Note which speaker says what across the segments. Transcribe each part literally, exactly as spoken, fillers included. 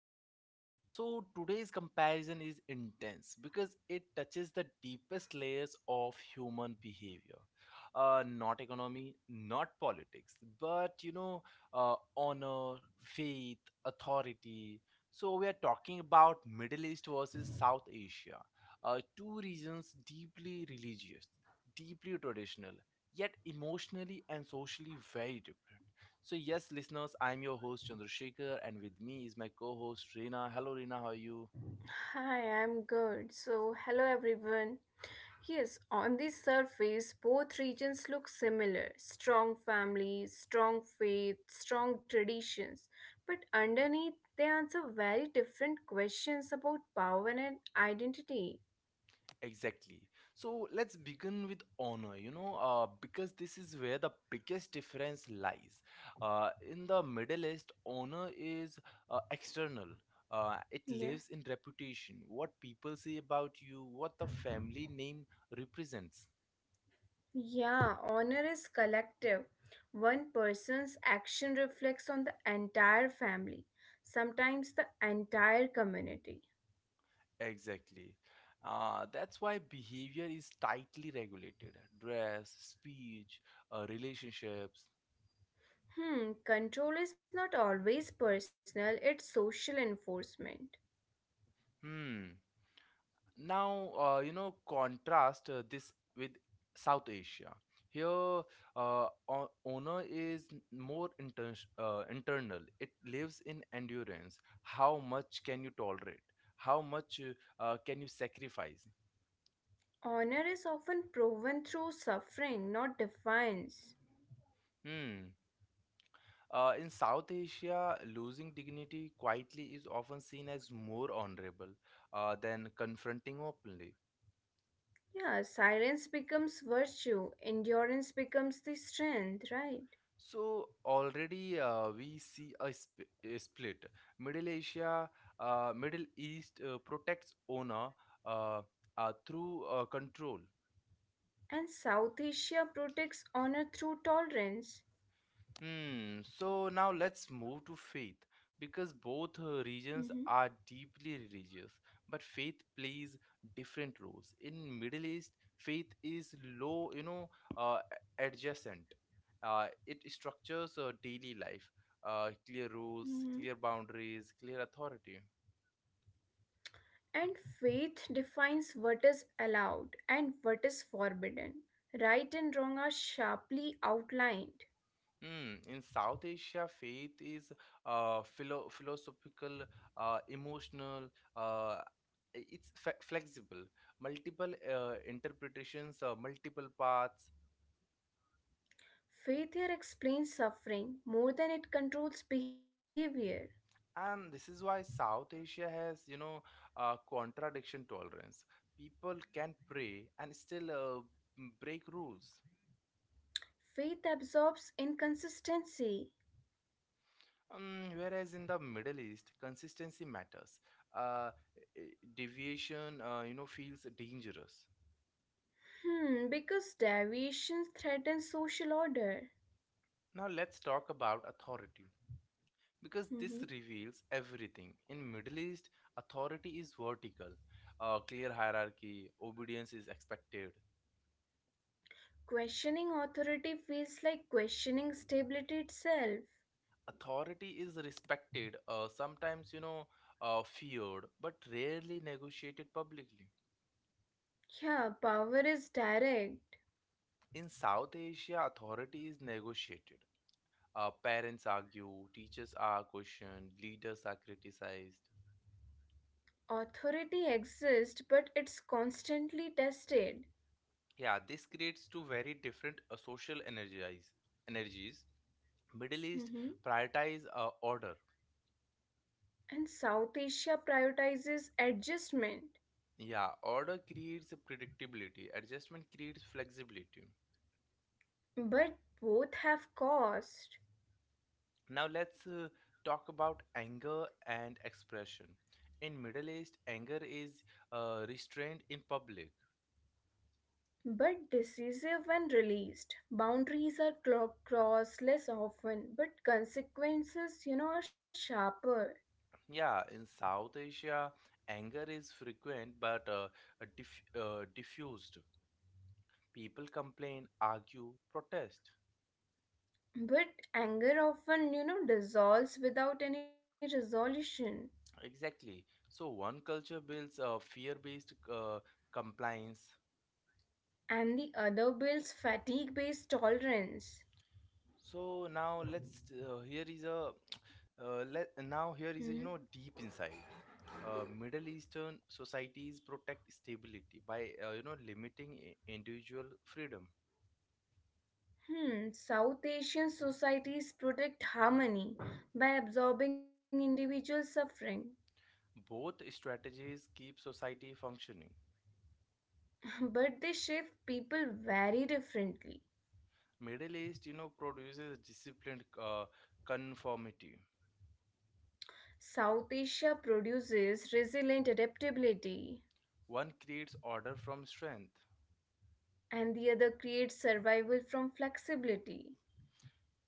Speaker 1: podcast. So today's comparison is intense because it touches the deepest layers of human behavior. Uh, not economy, not politics, but you know, uh, honor, faith, authority. So we are talking about Middle East versus South Asia, uh, two regions deeply religious, deeply traditional, yet emotionally and socially very different. So, yes, listeners, I'm your host Chandrasekhar, and with me is my co host Reena. Hello, Reena, how are you?
Speaker 2: Hi, I'm good. So, hello everyone. Yes, on the surface, both regions look similar strong families, strong faith, strong traditions. But underneath, they answer very different questions about power and identity.
Speaker 1: Exactly. So, let's begin with honor, you know, uh, because this is where the biggest difference lies. Uh, in the Middle East, honor is uh, external. Uh, it
Speaker 2: Yeah.
Speaker 1: lives in reputation, what people say about you, what the family name represents.
Speaker 2: Yeah, honor is collective. One person's action reflects on the entire family, sometimes the entire community.
Speaker 1: Exactly. Uh, that's why behavior is tightly regulated. Dress, speech, uh, relationships.
Speaker 2: Hmm, control is not always personal, it's social enforcement.
Speaker 1: Hmm. Now, uh, you know, contrast uh, this with South Asia. Here, uh, o- honor is n- more inter- uh, internal. It lives in endurance. How much can you tolerate? How much uh, uh, can you sacrifice?
Speaker 2: Honor is often proven through suffering, not defiance.
Speaker 1: Hmm. Uh, in South Asia, losing dignity quietly is often seen as more honorable uh, than confronting openly.
Speaker 2: Yeah, silence becomes virtue, endurance becomes the strength, right?
Speaker 1: So, already uh, we see a, sp- a split. Middle Asia, uh, Middle East uh, protects owner, uh, uh, through uh, control.
Speaker 2: And South Asia protects honor through tolerance.
Speaker 1: Hmm. So now let's move to faith because both uh,
Speaker 2: Mhm,
Speaker 1: regions are deeply religious, but faith plays different roles. In Middle East, faith is low, you know, uh, adjacent. Uh, it structures uh, daily life. Uh, clear
Speaker 2: mhm.
Speaker 1: rules, clear boundaries, clear authority.
Speaker 2: And faith defines what is allowed and what is forbidden. Right and wrong are sharply outlined.
Speaker 1: Mm, in South Asia, faith is uh, philo philosophical, uh, emotional. Uh, I- it's fe flexible, multiple uh, interpretations, uh, multiple paths,
Speaker 2: Faith here explains suffering more than it controls behavior.
Speaker 1: and this is why South Asia has, you know, uh, contradiction tolerance. People can pray and still uh, m- break rules.
Speaker 2: Faith absorbs inconsistency.
Speaker 1: Um, whereas in the Middle East, consistency matters. Uh, i- i- Deviation, uh, you know, feels dangerous.
Speaker 2: Hmm, because deviations threaten social order.
Speaker 1: Now let's talk about authority because this
Speaker 2: Mhm.
Speaker 1: reveals everything. In Middle East, authority is vertical, a clear hierarchy, obedience is expected.
Speaker 2: Questioning authority feels like questioning stability itself.
Speaker 1: Authority is respected, uh, sometimes you know uh, feared, but rarely negotiated publicly.
Speaker 2: Yeah, power is direct.
Speaker 1: In South Asia, authority is negotiated. Uh, parents argue, teachers are questioned, leaders are criticized.
Speaker 2: Authority exists, but it's constantly tested.
Speaker 1: Yeah, this creates two very different uh, social energies energies Middle East
Speaker 2: Mhm.
Speaker 1: prioritize uh, order.
Speaker 2: And South Asia prioritizes adjustment,
Speaker 1: Yeah, order creates predictability. Adjustment creates flexibility.
Speaker 2: but both have cost.
Speaker 1: Now let's uh, talk about anger and expression. In Middle East, anger is uh, restrained in public.
Speaker 2: But decisive when released. Boundaries are clo- crossed less often, but consequences, you know, are sharper.
Speaker 1: Yeah, in South Asia, anger is frequent but uh, uh, diff- uh, diffused. People complain, argue, protest.
Speaker 2: But anger often, you know, dissolves without any resolution.
Speaker 1: Exactly. So one culture builds a fear-based uh, compliance.
Speaker 2: And the other builds fatigue based tolerance.
Speaker 1: So now let's uh, here is a uh, let now
Speaker 2: Hmm.
Speaker 1: here is a, you know deep inside uh, middle eastern societies protect stability by uh, you know limiting i- individual freedom.
Speaker 2: Hmm. South Asian societies protect harmony by absorbing individual suffering,
Speaker 1: Both strategies keep society functioning.
Speaker 2: but they shape people very differently.
Speaker 1: Middle east you know produces disciplined uh, conformity,
Speaker 2: South Asia produces resilient adaptability,
Speaker 1: one creates order from strength.
Speaker 2: and the other creates survival from flexibility.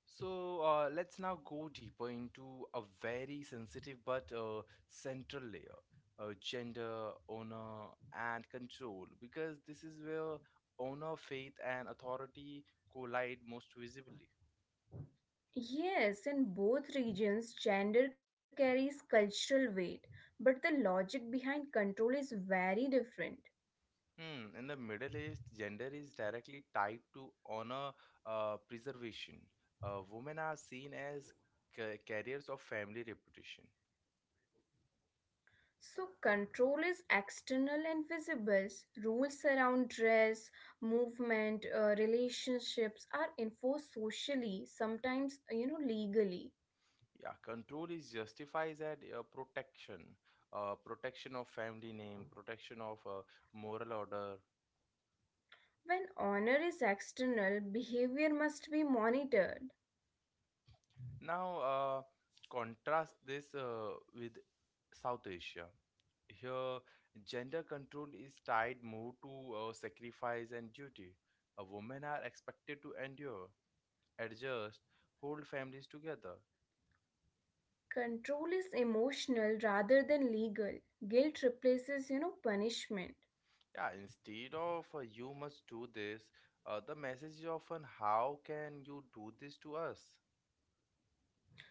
Speaker 1: So uh, let's now go deeper into a very sensitive but uh, central layer, uh, gender, honor, and control, because this is where honor, faith, and authority collide most visibly.
Speaker 2: Yes, in both regions, gender carries cultural weight, but the logic behind control is very different.
Speaker 1: Hmm. In the Middle East, gender is directly tied to honor uh, preservation. Uh, women are seen as ca- carriers of family reputation.
Speaker 2: So, control is external and visible. Rules around dress, movement, uh, relationships are enforced socially, sometimes, you know, legally
Speaker 1: Yeah, control is justifies at uh, protection, uh, protection of family name, protection of uh, moral order.
Speaker 2: When honor is external, behavior must be monitored.
Speaker 1: Now, uh, contrast this uh, with South Asia. Here, gender control is tied more to uh, sacrifice and duty. Uh, women are expected to endure, adjust, hold families together.
Speaker 2: Control is emotional rather than legal. Guilt replaces, you know, punishment.
Speaker 1: Yeah, instead of uh, you must do this, uh, the message is often how can you do this to us?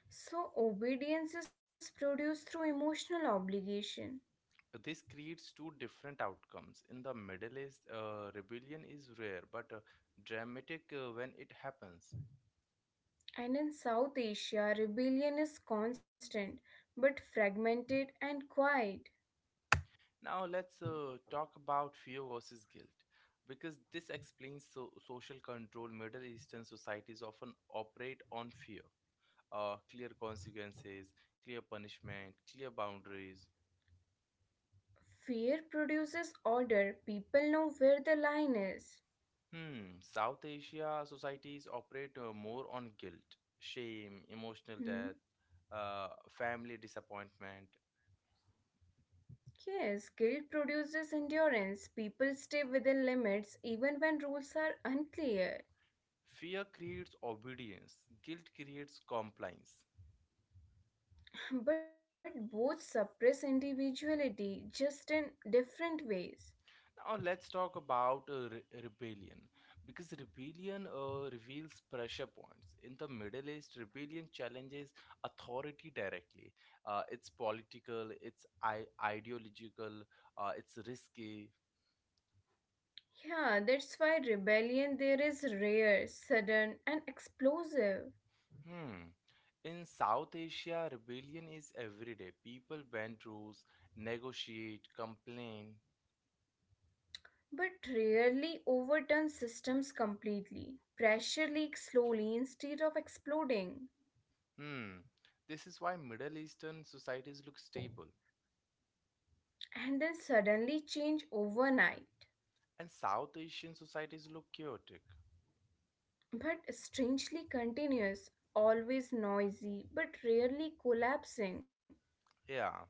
Speaker 2: So obedience is produced through emotional obligation.
Speaker 1: This creates two different outcomes. In the Middle East, uh, rebellion is rare but uh, dramatic uh, when it happens.
Speaker 2: And in South Asia, rebellion is constant but fragmented and quiet.
Speaker 1: Now, let's uh, talk about fear versus guilt because this explains so- social control. Middle Eastern societies often operate on fear, uh, clear consequences, clear punishment, clear boundaries.
Speaker 2: Fear produces order. People know where the line is.
Speaker 1: Hmm, South Asia societies operate uh, more on guilt, shame, emotional death,
Speaker 2: Hmm?
Speaker 1: uh, family disappointment.
Speaker 2: Yes, guilt produces endurance. People stay within limits even when rules are unclear.
Speaker 1: Fear creates obedience, guilt creates compliance.
Speaker 2: But both suppress individuality just in different ways.
Speaker 1: Now, let's talk about uh, re- rebellion because rebellion uh, reveals pressure points. In the Middle East, rebellion challenges authority directly. Uh, it's political, it's I- ideological, uh, it's risky.
Speaker 2: Yeah, that's why rebellion there is rare, sudden, and explosive,
Speaker 1: Hmm. In South Asia, rebellion is everyday. People bend rules, negotiate, complain.
Speaker 2: but rarely overturns systems completely. Pressure leaks slowly instead of exploding,
Speaker 1: Hmm. This is why Middle Eastern societies look stable,
Speaker 2: and then suddenly change overnight.
Speaker 1: and South Asian societies look chaotic.
Speaker 2: But strangely continuous, always noisy, but rarely collapsing.
Speaker 1: Yeah.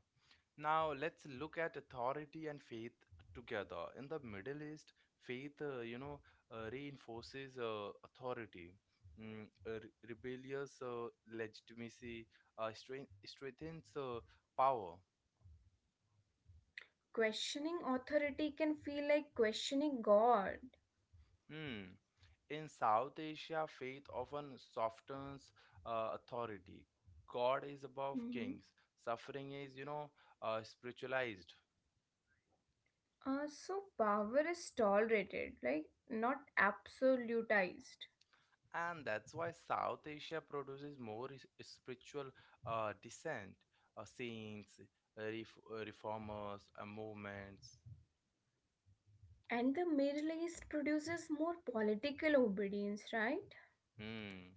Speaker 1: Now let's look at authority and faith together. In the Middle East, faith, uh, you know, uh, reinforces uh, authority. Mm, uh, re- rebellious uh, legitimacy uh, strength- strengthens uh, power.
Speaker 2: Questioning authority can feel like questioning God.
Speaker 1: Hmm. In South Asia, faith often softens uh, authority. God is above
Speaker 2: Hmm.
Speaker 1: kings. Suffering is, you know, uh, spiritualized.
Speaker 2: Uh, so, power is tolerated, right? Not absolutized.
Speaker 1: And that's why South Asia produces more is- spiritual uh, dissent, uh, saints, uh, ref- uh, reformers, uh, movements.
Speaker 2: And the Middle East produces more political obedience, right?
Speaker 1: Hmm.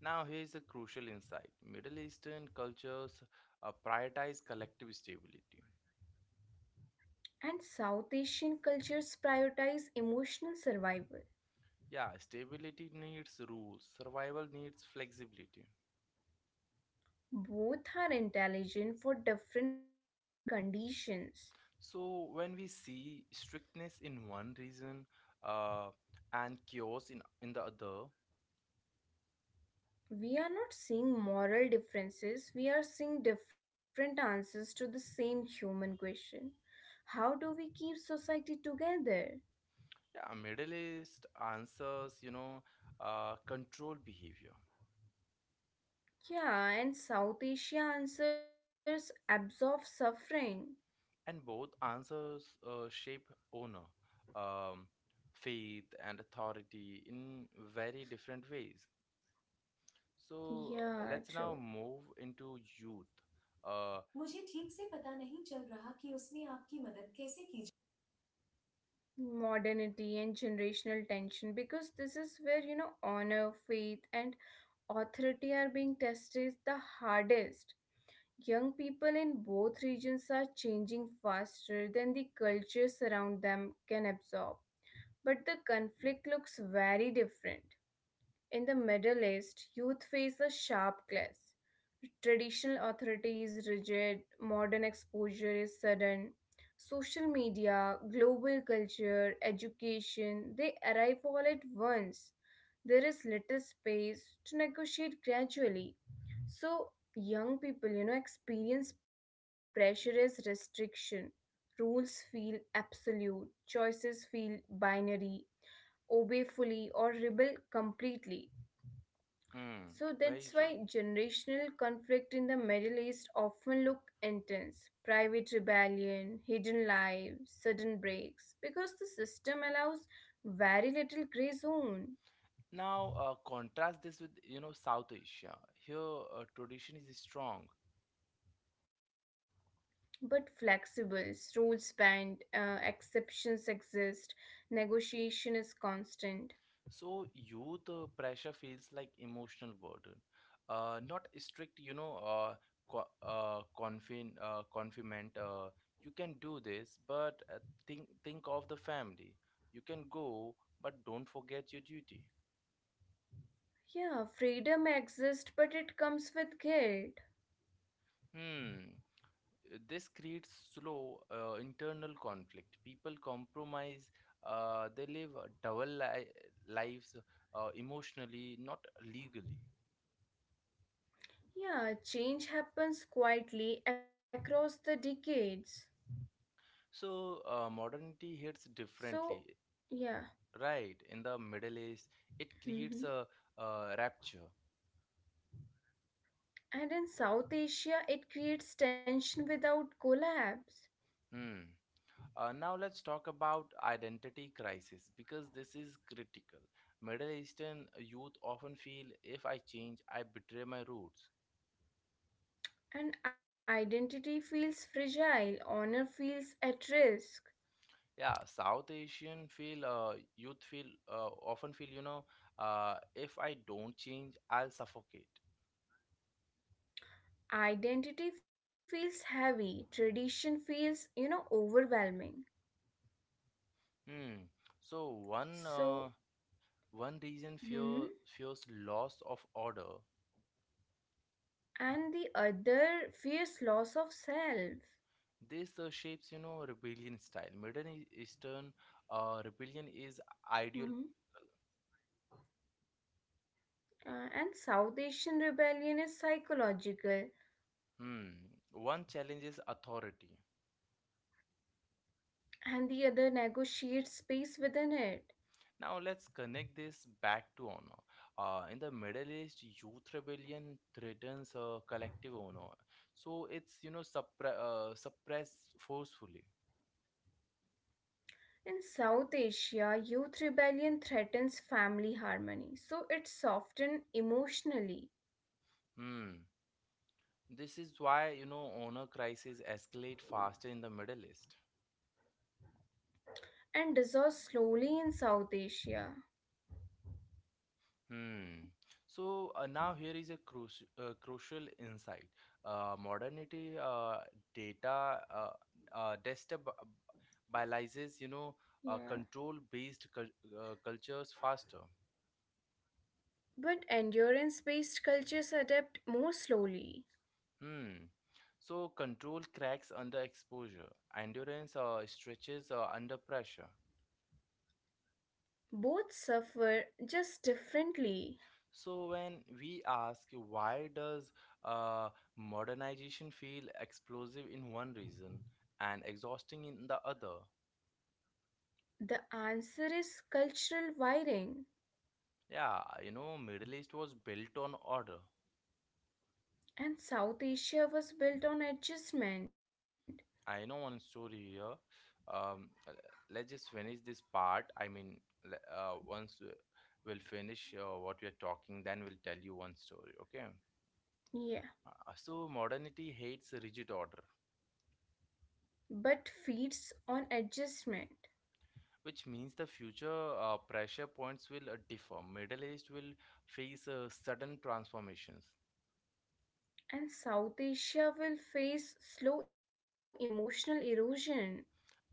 Speaker 1: Now here's a crucial insight: Middle Eastern cultures uh, prioritize collective stability.
Speaker 2: And South Asian cultures prioritize emotional survival.
Speaker 1: Yeah, stability needs rules. Survival needs flexibility.
Speaker 2: Both are intelligent for different conditions.
Speaker 1: So when we see strictness in one region uh, and chaos in in the other,
Speaker 2: We are not seeing moral differences, we are seeing different answers to the same human question. How do we keep society together?
Speaker 1: yeah, Middle East answers, you know, uh, control behavior,
Speaker 2: Yeah, and South Asia answers absorb suffering.
Speaker 1: and both answers uh, shape owner, um, faith, and authority in very different ways. So uh,
Speaker 2: Yeah,
Speaker 1: let's now
Speaker 2: true.
Speaker 1: move into youth. Uh, मुझे ठीक से पता नहीं चल रहा कि उसमें आपकी मदद कैसे की.
Speaker 2: Modernity and generational tension, because this is where you know honor, faith, and authority are being tested the hardest. Young people in both regions are changing faster than the cultures around them can absorb, but the conflict looks very different. In the Middle East, youth face a sharp clash. Traditional authority is rigid, modern exposure is sudden. Social media, global culture, education, they arrive all at once. There is little space to negotiate gradually. So, young people, you know, experience pressure as restriction. Rules feel absolute, choices feel binary, obey fully or rebel completely.
Speaker 1: Hmm,
Speaker 2: So that's
Speaker 1: very true.
Speaker 2: why generational conflict in the Middle East often look intense. Private rebellion, hidden lives, sudden breaks, because the system allows very little gray zone.
Speaker 1: Now, uh, contrast this with, you know, South Asia. Here, uh, tradition is strong.
Speaker 2: But flexible, rules bend, uh, exceptions exist, negotiation is constant.
Speaker 1: So youth uh, pressure feels like emotional burden, uh, not a strict, you know, uh, co- uh, confin uh, confinement. Uh, you can do this, but uh, think think of the family. You can go, but don't forget your duty.
Speaker 2: Yeah, freedom exists, but it comes with guilt.
Speaker 1: Hmm. uh, This creates slow uh, internal conflict. People compromise. Uh, they live uh, double li- lives uh, emotionally, not legally.
Speaker 2: Yeah, change happens quietly across the decades.
Speaker 1: So, uh, modernity hits
Speaker 2: So,
Speaker 1: differently.
Speaker 2: yeah.
Speaker 1: Right, in the Middle East, it creates a, uh rapture.
Speaker 2: And in South Asia, it creates tension without collapse.
Speaker 1: Hmm. Uh, now let's talk about identity crisis because this is critical. Middle Eastern youth often feel if I change, I betray my roots.
Speaker 2: And identity feels fragile, honor feels at risk.
Speaker 1: Yeah, South Asian feel uh, youth feel uh, often feel you know uh, if I don't change, I'll suffocate.
Speaker 2: Identity feels heavy, tradition feels, you know, overwhelming.
Speaker 1: Hmm. So one
Speaker 2: So,
Speaker 1: uh, one reason
Speaker 2: hmm
Speaker 1: fear fears loss of order.
Speaker 2: and the other fears loss of self.
Speaker 1: This uh, shapes, you know, rebellion style. Middle E- Eastern uh, rebellion is ideal.
Speaker 2: Hmm. Uh, and South Asian rebellion is psychological,
Speaker 1: Hmm. One challenges authority.
Speaker 2: and the other negotiates space within it.
Speaker 1: Now let's connect this back to honor. Uh, in the Middle East, youth rebellion threatens uh, collective honor, so it's you know suppre- uh, suppressed forcefully.
Speaker 2: In South Asia, youth rebellion threatens family harmony, so it's softened emotionally
Speaker 1: Hmm. This is why you know honor crises escalate faster in the Middle East.
Speaker 2: and dissolves slowly in South Asia.
Speaker 1: Hmm. So uh, now here is a cruci uh, crucial insight. Uh, modernity uh, data uh, uh, destabilizes, you know, uh,
Speaker 2: Yeah.
Speaker 1: control-based cul uh, cultures faster.
Speaker 2: But endurance based cultures adapt more slowly.
Speaker 1: Hmm. So control cracks under exposure. Endurance uh, stretches uh, under pressure.
Speaker 2: Both suffer just differently.
Speaker 1: So when we ask why does uh, modernization feel explosive in one reason and exhausting in the other?
Speaker 2: The answer is cultural wiring,
Speaker 1: Yeah, you know, Middle East was built on order.
Speaker 2: and South Asia was built on adjustment.
Speaker 1: I know one story here. Um, uh, let's just finish this part. I mean, le- uh, once uh, we'll finish uh, what we are talking, then we'll tell you one story. Okay.
Speaker 2: Yeah,
Speaker 1: Uh, so modernity hates rigid order,
Speaker 2: but feeds on adjustment.
Speaker 1: which means the future uh, pressure points will uh, differ. Middle East will face uh, sudden transformations.
Speaker 2: And South Asia will face slow emotional erosion.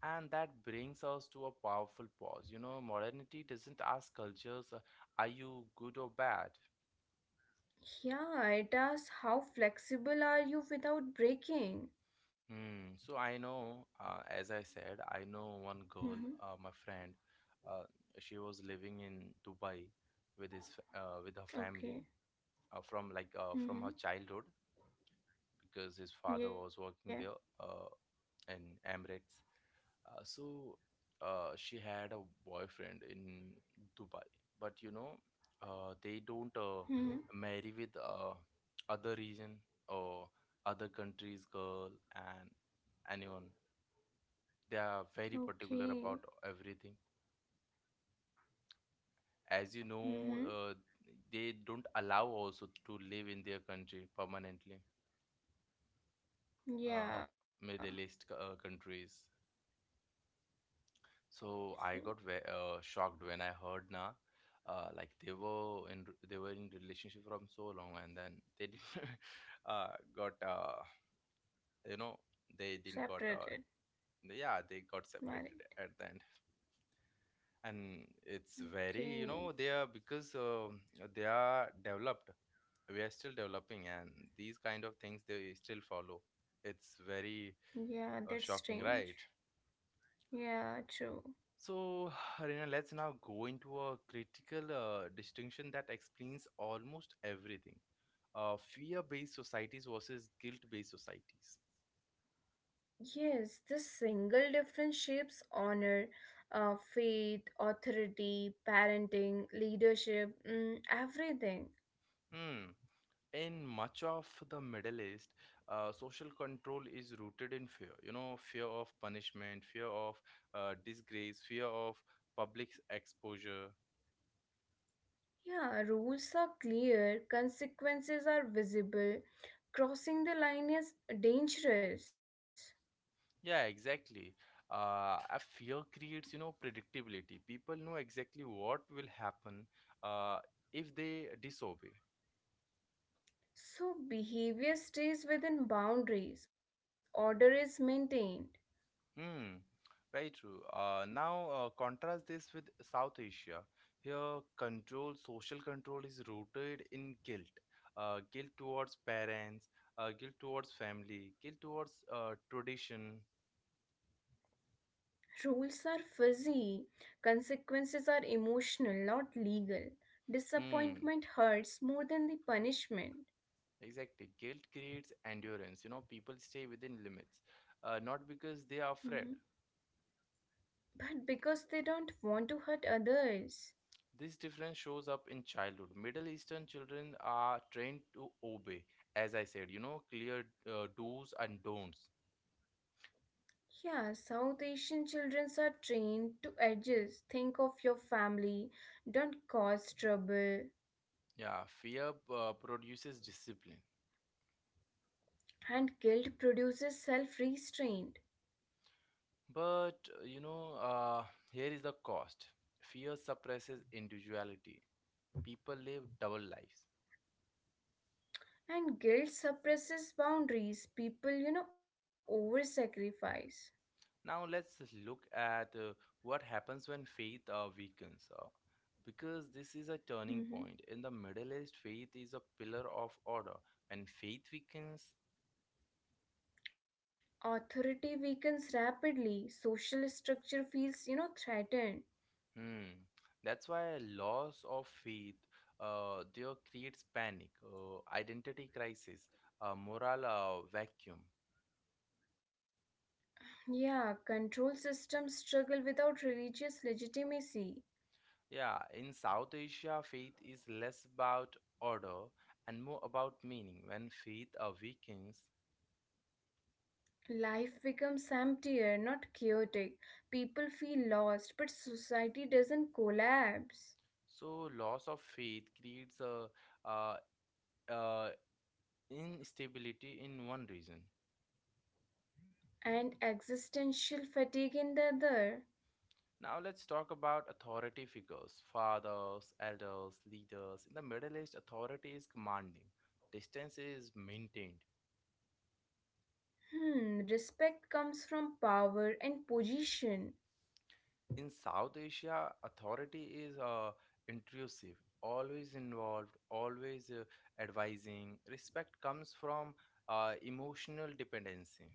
Speaker 1: And that brings us to a powerful pause. You know, modernity doesn't ask cultures, uh, are you good or bad?
Speaker 2: Yeah, it asks how flexible are you without breaking?
Speaker 1: Hmm. So I know, uh, as I said, I know one
Speaker 2: Mm-hmm.
Speaker 1: girl, uh, my friend. Uh, she was living in Dubai with his f- uh, with her
Speaker 2: Okay.
Speaker 1: family uh, from like uh, from
Speaker 2: Mm-hmm.
Speaker 1: her childhood because his father
Speaker 2: Yeah.
Speaker 1: was working there uh, in Emirates. Uh, so uh, she had a boyfriend in Dubai, but you know, uh, they don't uh,
Speaker 2: Mm-hmm.
Speaker 1: marry with uh, other region or other countries girl and anyone. They are very particular
Speaker 2: Okay.
Speaker 1: about everything, as you
Speaker 2: Mm-hmm.
Speaker 1: know uh, they don't allow also to live in their country permanently,
Speaker 2: Yeah.
Speaker 1: uh, middle east c- uh, countries.
Speaker 2: So
Speaker 1: So i got ve- uh, shocked when I heard na. Uh, like they were in re- they were in relationship from so long and then they didn't uh, got uh, you know they didn't got
Speaker 2: separated,
Speaker 1: uh, yeah, they got
Speaker 2: married.
Speaker 1: separated at the end. And it's very, you
Speaker 2: Okay.
Speaker 1: know they are, because um they are developed, we are still developing, and these kind of things they still follow. It's very
Speaker 2: Yeah,
Speaker 1: uh,
Speaker 2: that's
Speaker 1: shocking,
Speaker 2: strange.
Speaker 1: right?
Speaker 2: Yeah, true.
Speaker 1: So Rina, let's now go into a critical uh, distinction that explains almost everything, uh, fear-based societies versus guilt-based societies.
Speaker 2: Yes, this single difference shapes honor, uh, faith, authority, parenting, leadership, mm, everything.
Speaker 1: Hmm. In much of the Middle East, uh, social control is rooted in fear. You know, fear of punishment, fear of uh, disgrace, fear of public exposure.
Speaker 2: Yeah, rules are clear, consequences are visible. Crossing the line is dangerous.
Speaker 1: Yeah, exactly. Uh, a fear creates, you know, predictability. People know exactly what will happen uh, if they disobey.
Speaker 2: So, behavior stays within boundaries, order is maintained.
Speaker 1: Hmm, very true. Uh, now uh, contrast this with South Asia. Here, control, social control is rooted in guilt. Uh, guilt towards parents, uh, guilt towards family, guilt towards uh, tradition.
Speaker 2: Rules are fuzzy, consequences are emotional, not legal.
Speaker 1: Hmm,
Speaker 2: Disappointment hurts more than the punishment.
Speaker 1: exactly. Guilt creates endurance. You know, people stay within limits, uh, not because they are
Speaker 2: Mm-hmm.
Speaker 1: afraid.
Speaker 2: But because they don't want to hurt others.
Speaker 1: This difference shows up in childhood. Middle Eastern children are trained to obey, as I said, you know, clear uh, do's and don'ts.
Speaker 2: Yeah, South Asian children are trained to adjust. Think of your family, don't cause trouble.
Speaker 1: Yeah, fear uh, produces discipline.
Speaker 2: And guilt produces self restraint.
Speaker 1: But, uh, you know, uh, here is the cost, fear suppresses individuality. People live double lives.
Speaker 2: And guilt suppresses boundaries. People, you know, over sacrifice.
Speaker 1: Now, let's look at uh, what happens when faith uh, weakens. Uh, because this is a turning
Speaker 2: Hmm.
Speaker 1: point. In the Middle East, faith is a pillar of order. When faith weakens,
Speaker 2: Authority weakens rapidly. Social structure feels, you know, threatened.
Speaker 1: Hmm. that's why loss of faith uh, there creates panic, uh, identity crisis, a moral uh, vacuum.
Speaker 2: Yeah, control systems struggle without religious legitimacy.
Speaker 1: Yeah, in South Asia, faith is less about order and more about meaning. When faith uh, weakens,
Speaker 2: Life becomes emptier, not chaotic. People feel lost, but society doesn't collapse.
Speaker 1: so loss of faith creates a uh, uh, instability in one region.
Speaker 2: And existential fatigue in the other.
Speaker 1: Now let's talk about authority figures, fathers, elders, leaders. In the Middle East, authority is commanding, distance is maintained.
Speaker 2: Hmm, respect comes from power and position.
Speaker 1: In South Asia, authority is uh, intrusive, always involved, always uh, advising. Respect comes from uh, emotional dependency.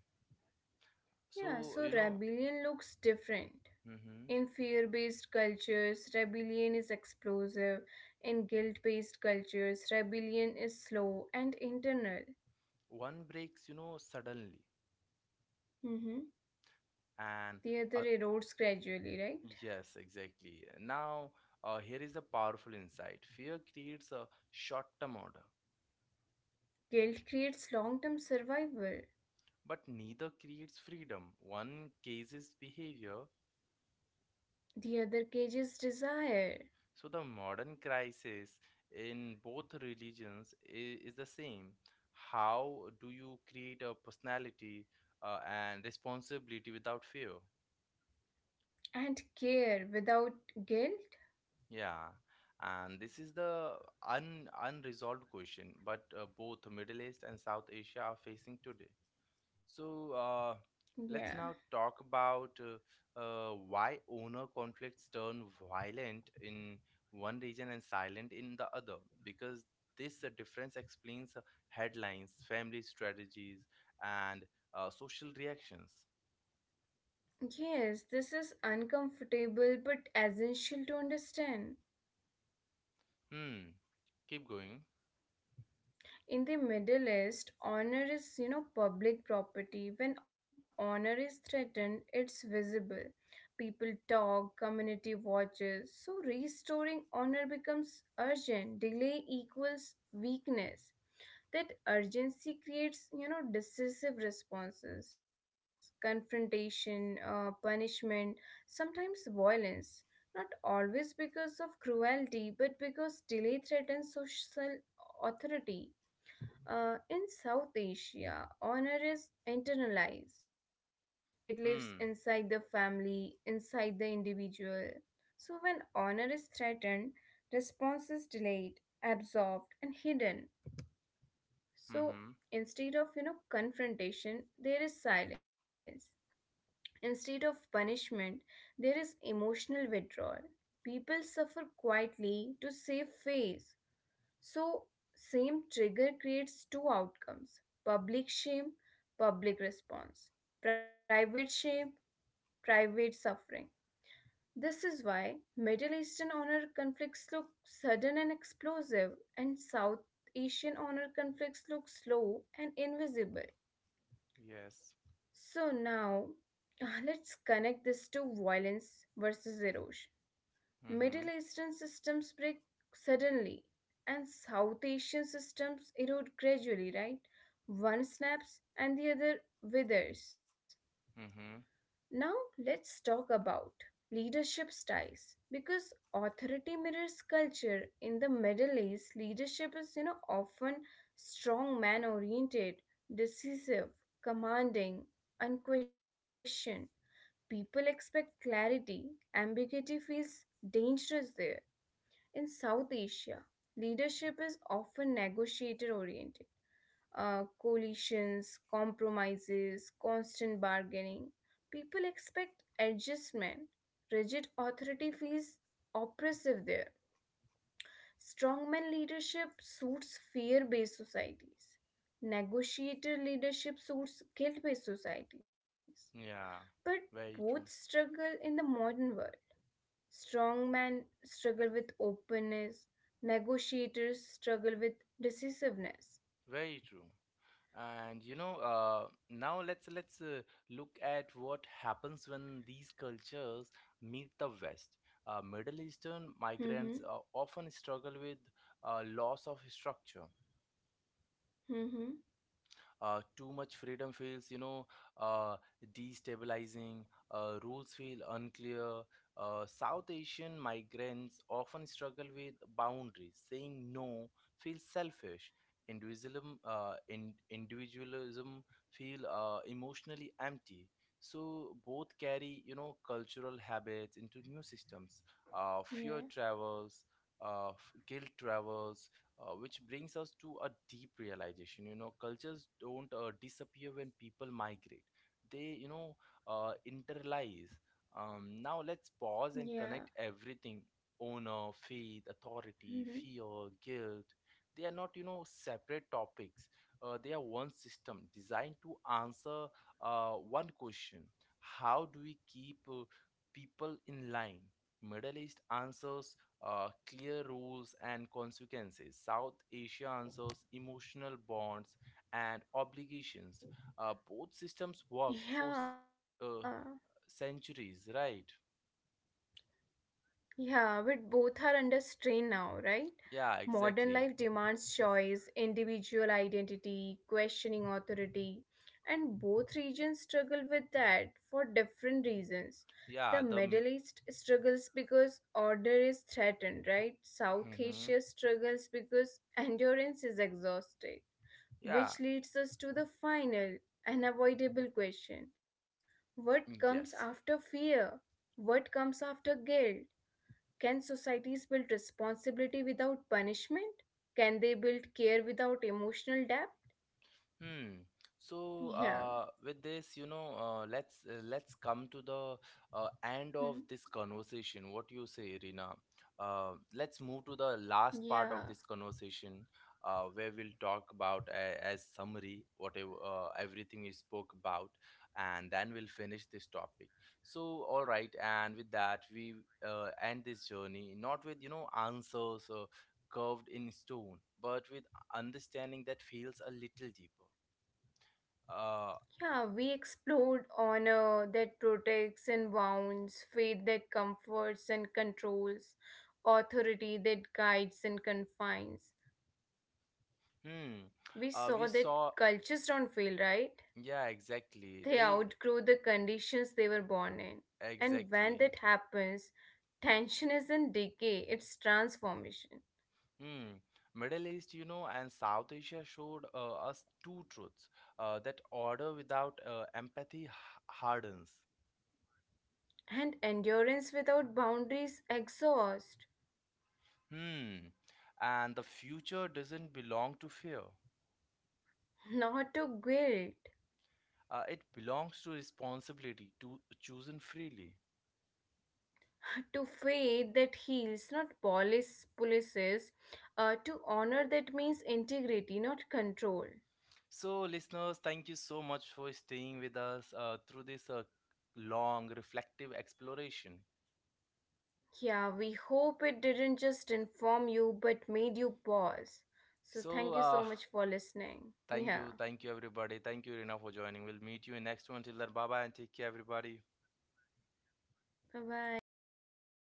Speaker 2: Yeah,
Speaker 1: So,
Speaker 2: so
Speaker 1: you know,
Speaker 2: rebellion looks different.
Speaker 1: mhm,
Speaker 2: In fear based cultures, rebellion is explosive. In guilt based cultures, rebellion is slow and internal.
Speaker 1: one breaks, you know, suddenly,
Speaker 2: Mm-hmm.
Speaker 1: and
Speaker 2: The other
Speaker 1: uh,
Speaker 2: erodes gradually, right?
Speaker 1: yes, exactly. Now, uh, here is a powerful insight. Fear creates a short-term order,
Speaker 2: Guilt creates long term survival.
Speaker 1: but neither creates freedom. One cases behavior.
Speaker 2: The other cages desire
Speaker 1: So the modern crisis in both religions is, is the same. How do you create a personality uh, and responsibility without fear?
Speaker 2: and care without guilt.
Speaker 1: Yeah, and this is the un unresolved question, but uh, both Middle East and South Asia are facing today. So uh,
Speaker 2: Yeah.
Speaker 1: let's now talk about uh, uh, why owner conflicts turn violent in one region and silent in the other. Because this uh, difference explains uh, headlines, family strategies, and uh, social reactions.
Speaker 2: Yes, this is uncomfortable but essential to understand.
Speaker 1: Hmm. Keep going.
Speaker 2: In the Middle East, honor is, you know, public property. When honor is threatened, it's visible. People talk, community watches. So restoring honor becomes urgent. Delay equals weakness. That urgency creates you know decisive responses confrontation uh, punishment sometimes violence, not always because of cruelty but because delay threatens social authority. Uh, in South Asia, honor is internalized. It lives inside the
Speaker 1: Hmm.
Speaker 2: family, inside the individual. So when honor is threatened response is delayed, absorbed, and hidden. so
Speaker 1: Mm-hmm.
Speaker 2: instead of you know confrontation, there is silence. Instead of punishment, there is emotional withdrawal. People suffer quietly to save face. So same trigger creates two outcomes: public shame, public response; private shame, private suffering. This is why Middle Eastern honor conflicts look sudden and explosive, and South Asian honor conflicts look slow and invisible.
Speaker 1: Yes.
Speaker 2: So now let's connect this to violence versus erosion.
Speaker 1: Mm-hmm.
Speaker 2: Middle Eastern systems break suddenly and South Asian systems erode gradually, right? One snaps and the other withers.
Speaker 1: Mm-hmm.
Speaker 2: Now let's talk about leadership styles, because authority mirrors culture. In the Middle East, leadership is you know often strong man oriented, decisive, commanding, unquestioned. People expect clarity. Ambiguity feels dangerous there. In South Asia, leadership is often negotiator oriented. Uh, coalitions, compromises, constant bargaining. People expect adjustment. Rigid authority feels oppressive there. Strongman leadership suits fear based societies. Negotiator leadership suits guilt based societies.
Speaker 1: Yeah.
Speaker 2: But both
Speaker 1: Very true.
Speaker 2: struggle in the modern world. Strong men struggle with openness. Negotiators struggle with decisiveness.
Speaker 1: Very true. and you know uh, now let's let's uh, look at what happens when these cultures meet the west. Uh, middle eastern
Speaker 2: Mm-hmm.
Speaker 1: migrants uh, often struggle with uh, loss of structure,
Speaker 2: Mm-hmm.
Speaker 1: uh, too much freedom feels, you know, uh, destabilizing. Uh, rules feel unclear. Uh, South Asian migrants often struggle with boundaries. Saying no feels selfish. Individualism, uh, in, individualism feel uh, emotionally empty. So both carry, you know, cultural habits into new systems. Uh, fear
Speaker 2: Yeah.
Speaker 1: travels, uh, f- guilt travels, uh, which brings us to a deep realization, you know, cultures don't uh, disappear when people migrate, they, you know, uh, interlies. Um, now let's pause and
Speaker 2: Yeah.
Speaker 1: connect everything: honor, faith, authority,
Speaker 2: Mm-hmm.
Speaker 1: fear, guilt. They are not, you know, separate topics, uh, they are one system designed to answer uh, one question: how do we keep uh, people in line? Middle East answers uh, clear rules and consequences. South Asia answers emotional bonds and obligations. Uh, both systems worked for s-
Speaker 2: Yeah.
Speaker 1: uh, centuries, right?
Speaker 2: Yeah, but both are under strain now, right?
Speaker 1: Yeah,
Speaker 2: Modern life
Speaker 1: exactly.
Speaker 2: demands choice, individual identity, questioning authority, and both regions struggle with that for different reasons. The
Speaker 1: Yeah, the. mi-
Speaker 2: Middle East struggles because order is threatened, right? South
Speaker 1: Mhm.
Speaker 2: Asia struggles because endurance is exhausted,
Speaker 1: Yeah,
Speaker 2: which leads us to the final, unavoidable question. What comes
Speaker 1: mm,
Speaker 2: after
Speaker 1: yes.
Speaker 2: fear? What comes after guilt? Can societies build responsibility without punishment? Can they build care without emotional depth?
Speaker 1: Hmm. So,
Speaker 2: Yeah.
Speaker 1: uh, with this, you know, uh, let's uh, let's come to the uh, end
Speaker 2: Mhm.
Speaker 1: of this conversation. What do you say, Irina? Uh, let's move to the last part of
Speaker 2: Yeah.
Speaker 1: this conversation, uh, where we'll talk about a, as summary whatever uh, everything we spoke about, and then we'll finish this topic. So, all right, and with that, we uh, end this journey not with, you know, answers uh, curved in stone, but with understanding that feels a little deeper. Uh,
Speaker 2: Yeah, we explored honor that protects and wounds, faith that comforts and controls, authority that guides and confines.
Speaker 1: hmm.
Speaker 2: We
Speaker 1: Uh, we
Speaker 2: saw that
Speaker 1: saw.
Speaker 2: cultures don't fail, right?
Speaker 1: Yeah, exactly.
Speaker 2: They
Speaker 1: They
Speaker 2: outgrow the conditions they were born in. And when
Speaker 1: exactly.
Speaker 2: that happens, tension isn't decay, it's transformation.
Speaker 1: Hmm. Middle East, you know, and South Asia showed uh, us two truths. Uh, that order without uh, empathy h- hardens.
Speaker 2: And endurance without boundaries exhaust,
Speaker 1: Hmm. And the future doesn't belong to fear.
Speaker 2: not to guilt,
Speaker 1: Uh, it belongs to responsibility to chosen freely.
Speaker 2: to faith that heals, not police, polices, uh, to honor that means integrity, not control.
Speaker 1: So, listeners, thank you so much for staying with us uh, through this uh, long, reflective exploration.
Speaker 2: Yeah, we hope it didn't just inform you but made you pause. So,
Speaker 1: So,
Speaker 2: thank you
Speaker 1: uh,
Speaker 2: so much for listening.
Speaker 1: thank
Speaker 2: Yeah,
Speaker 1: you, thank you, everybody. Thank you, Rina, for joining. We'll meet you in next one. Till then, bye bye and take care, everybody.
Speaker 2: bye bye.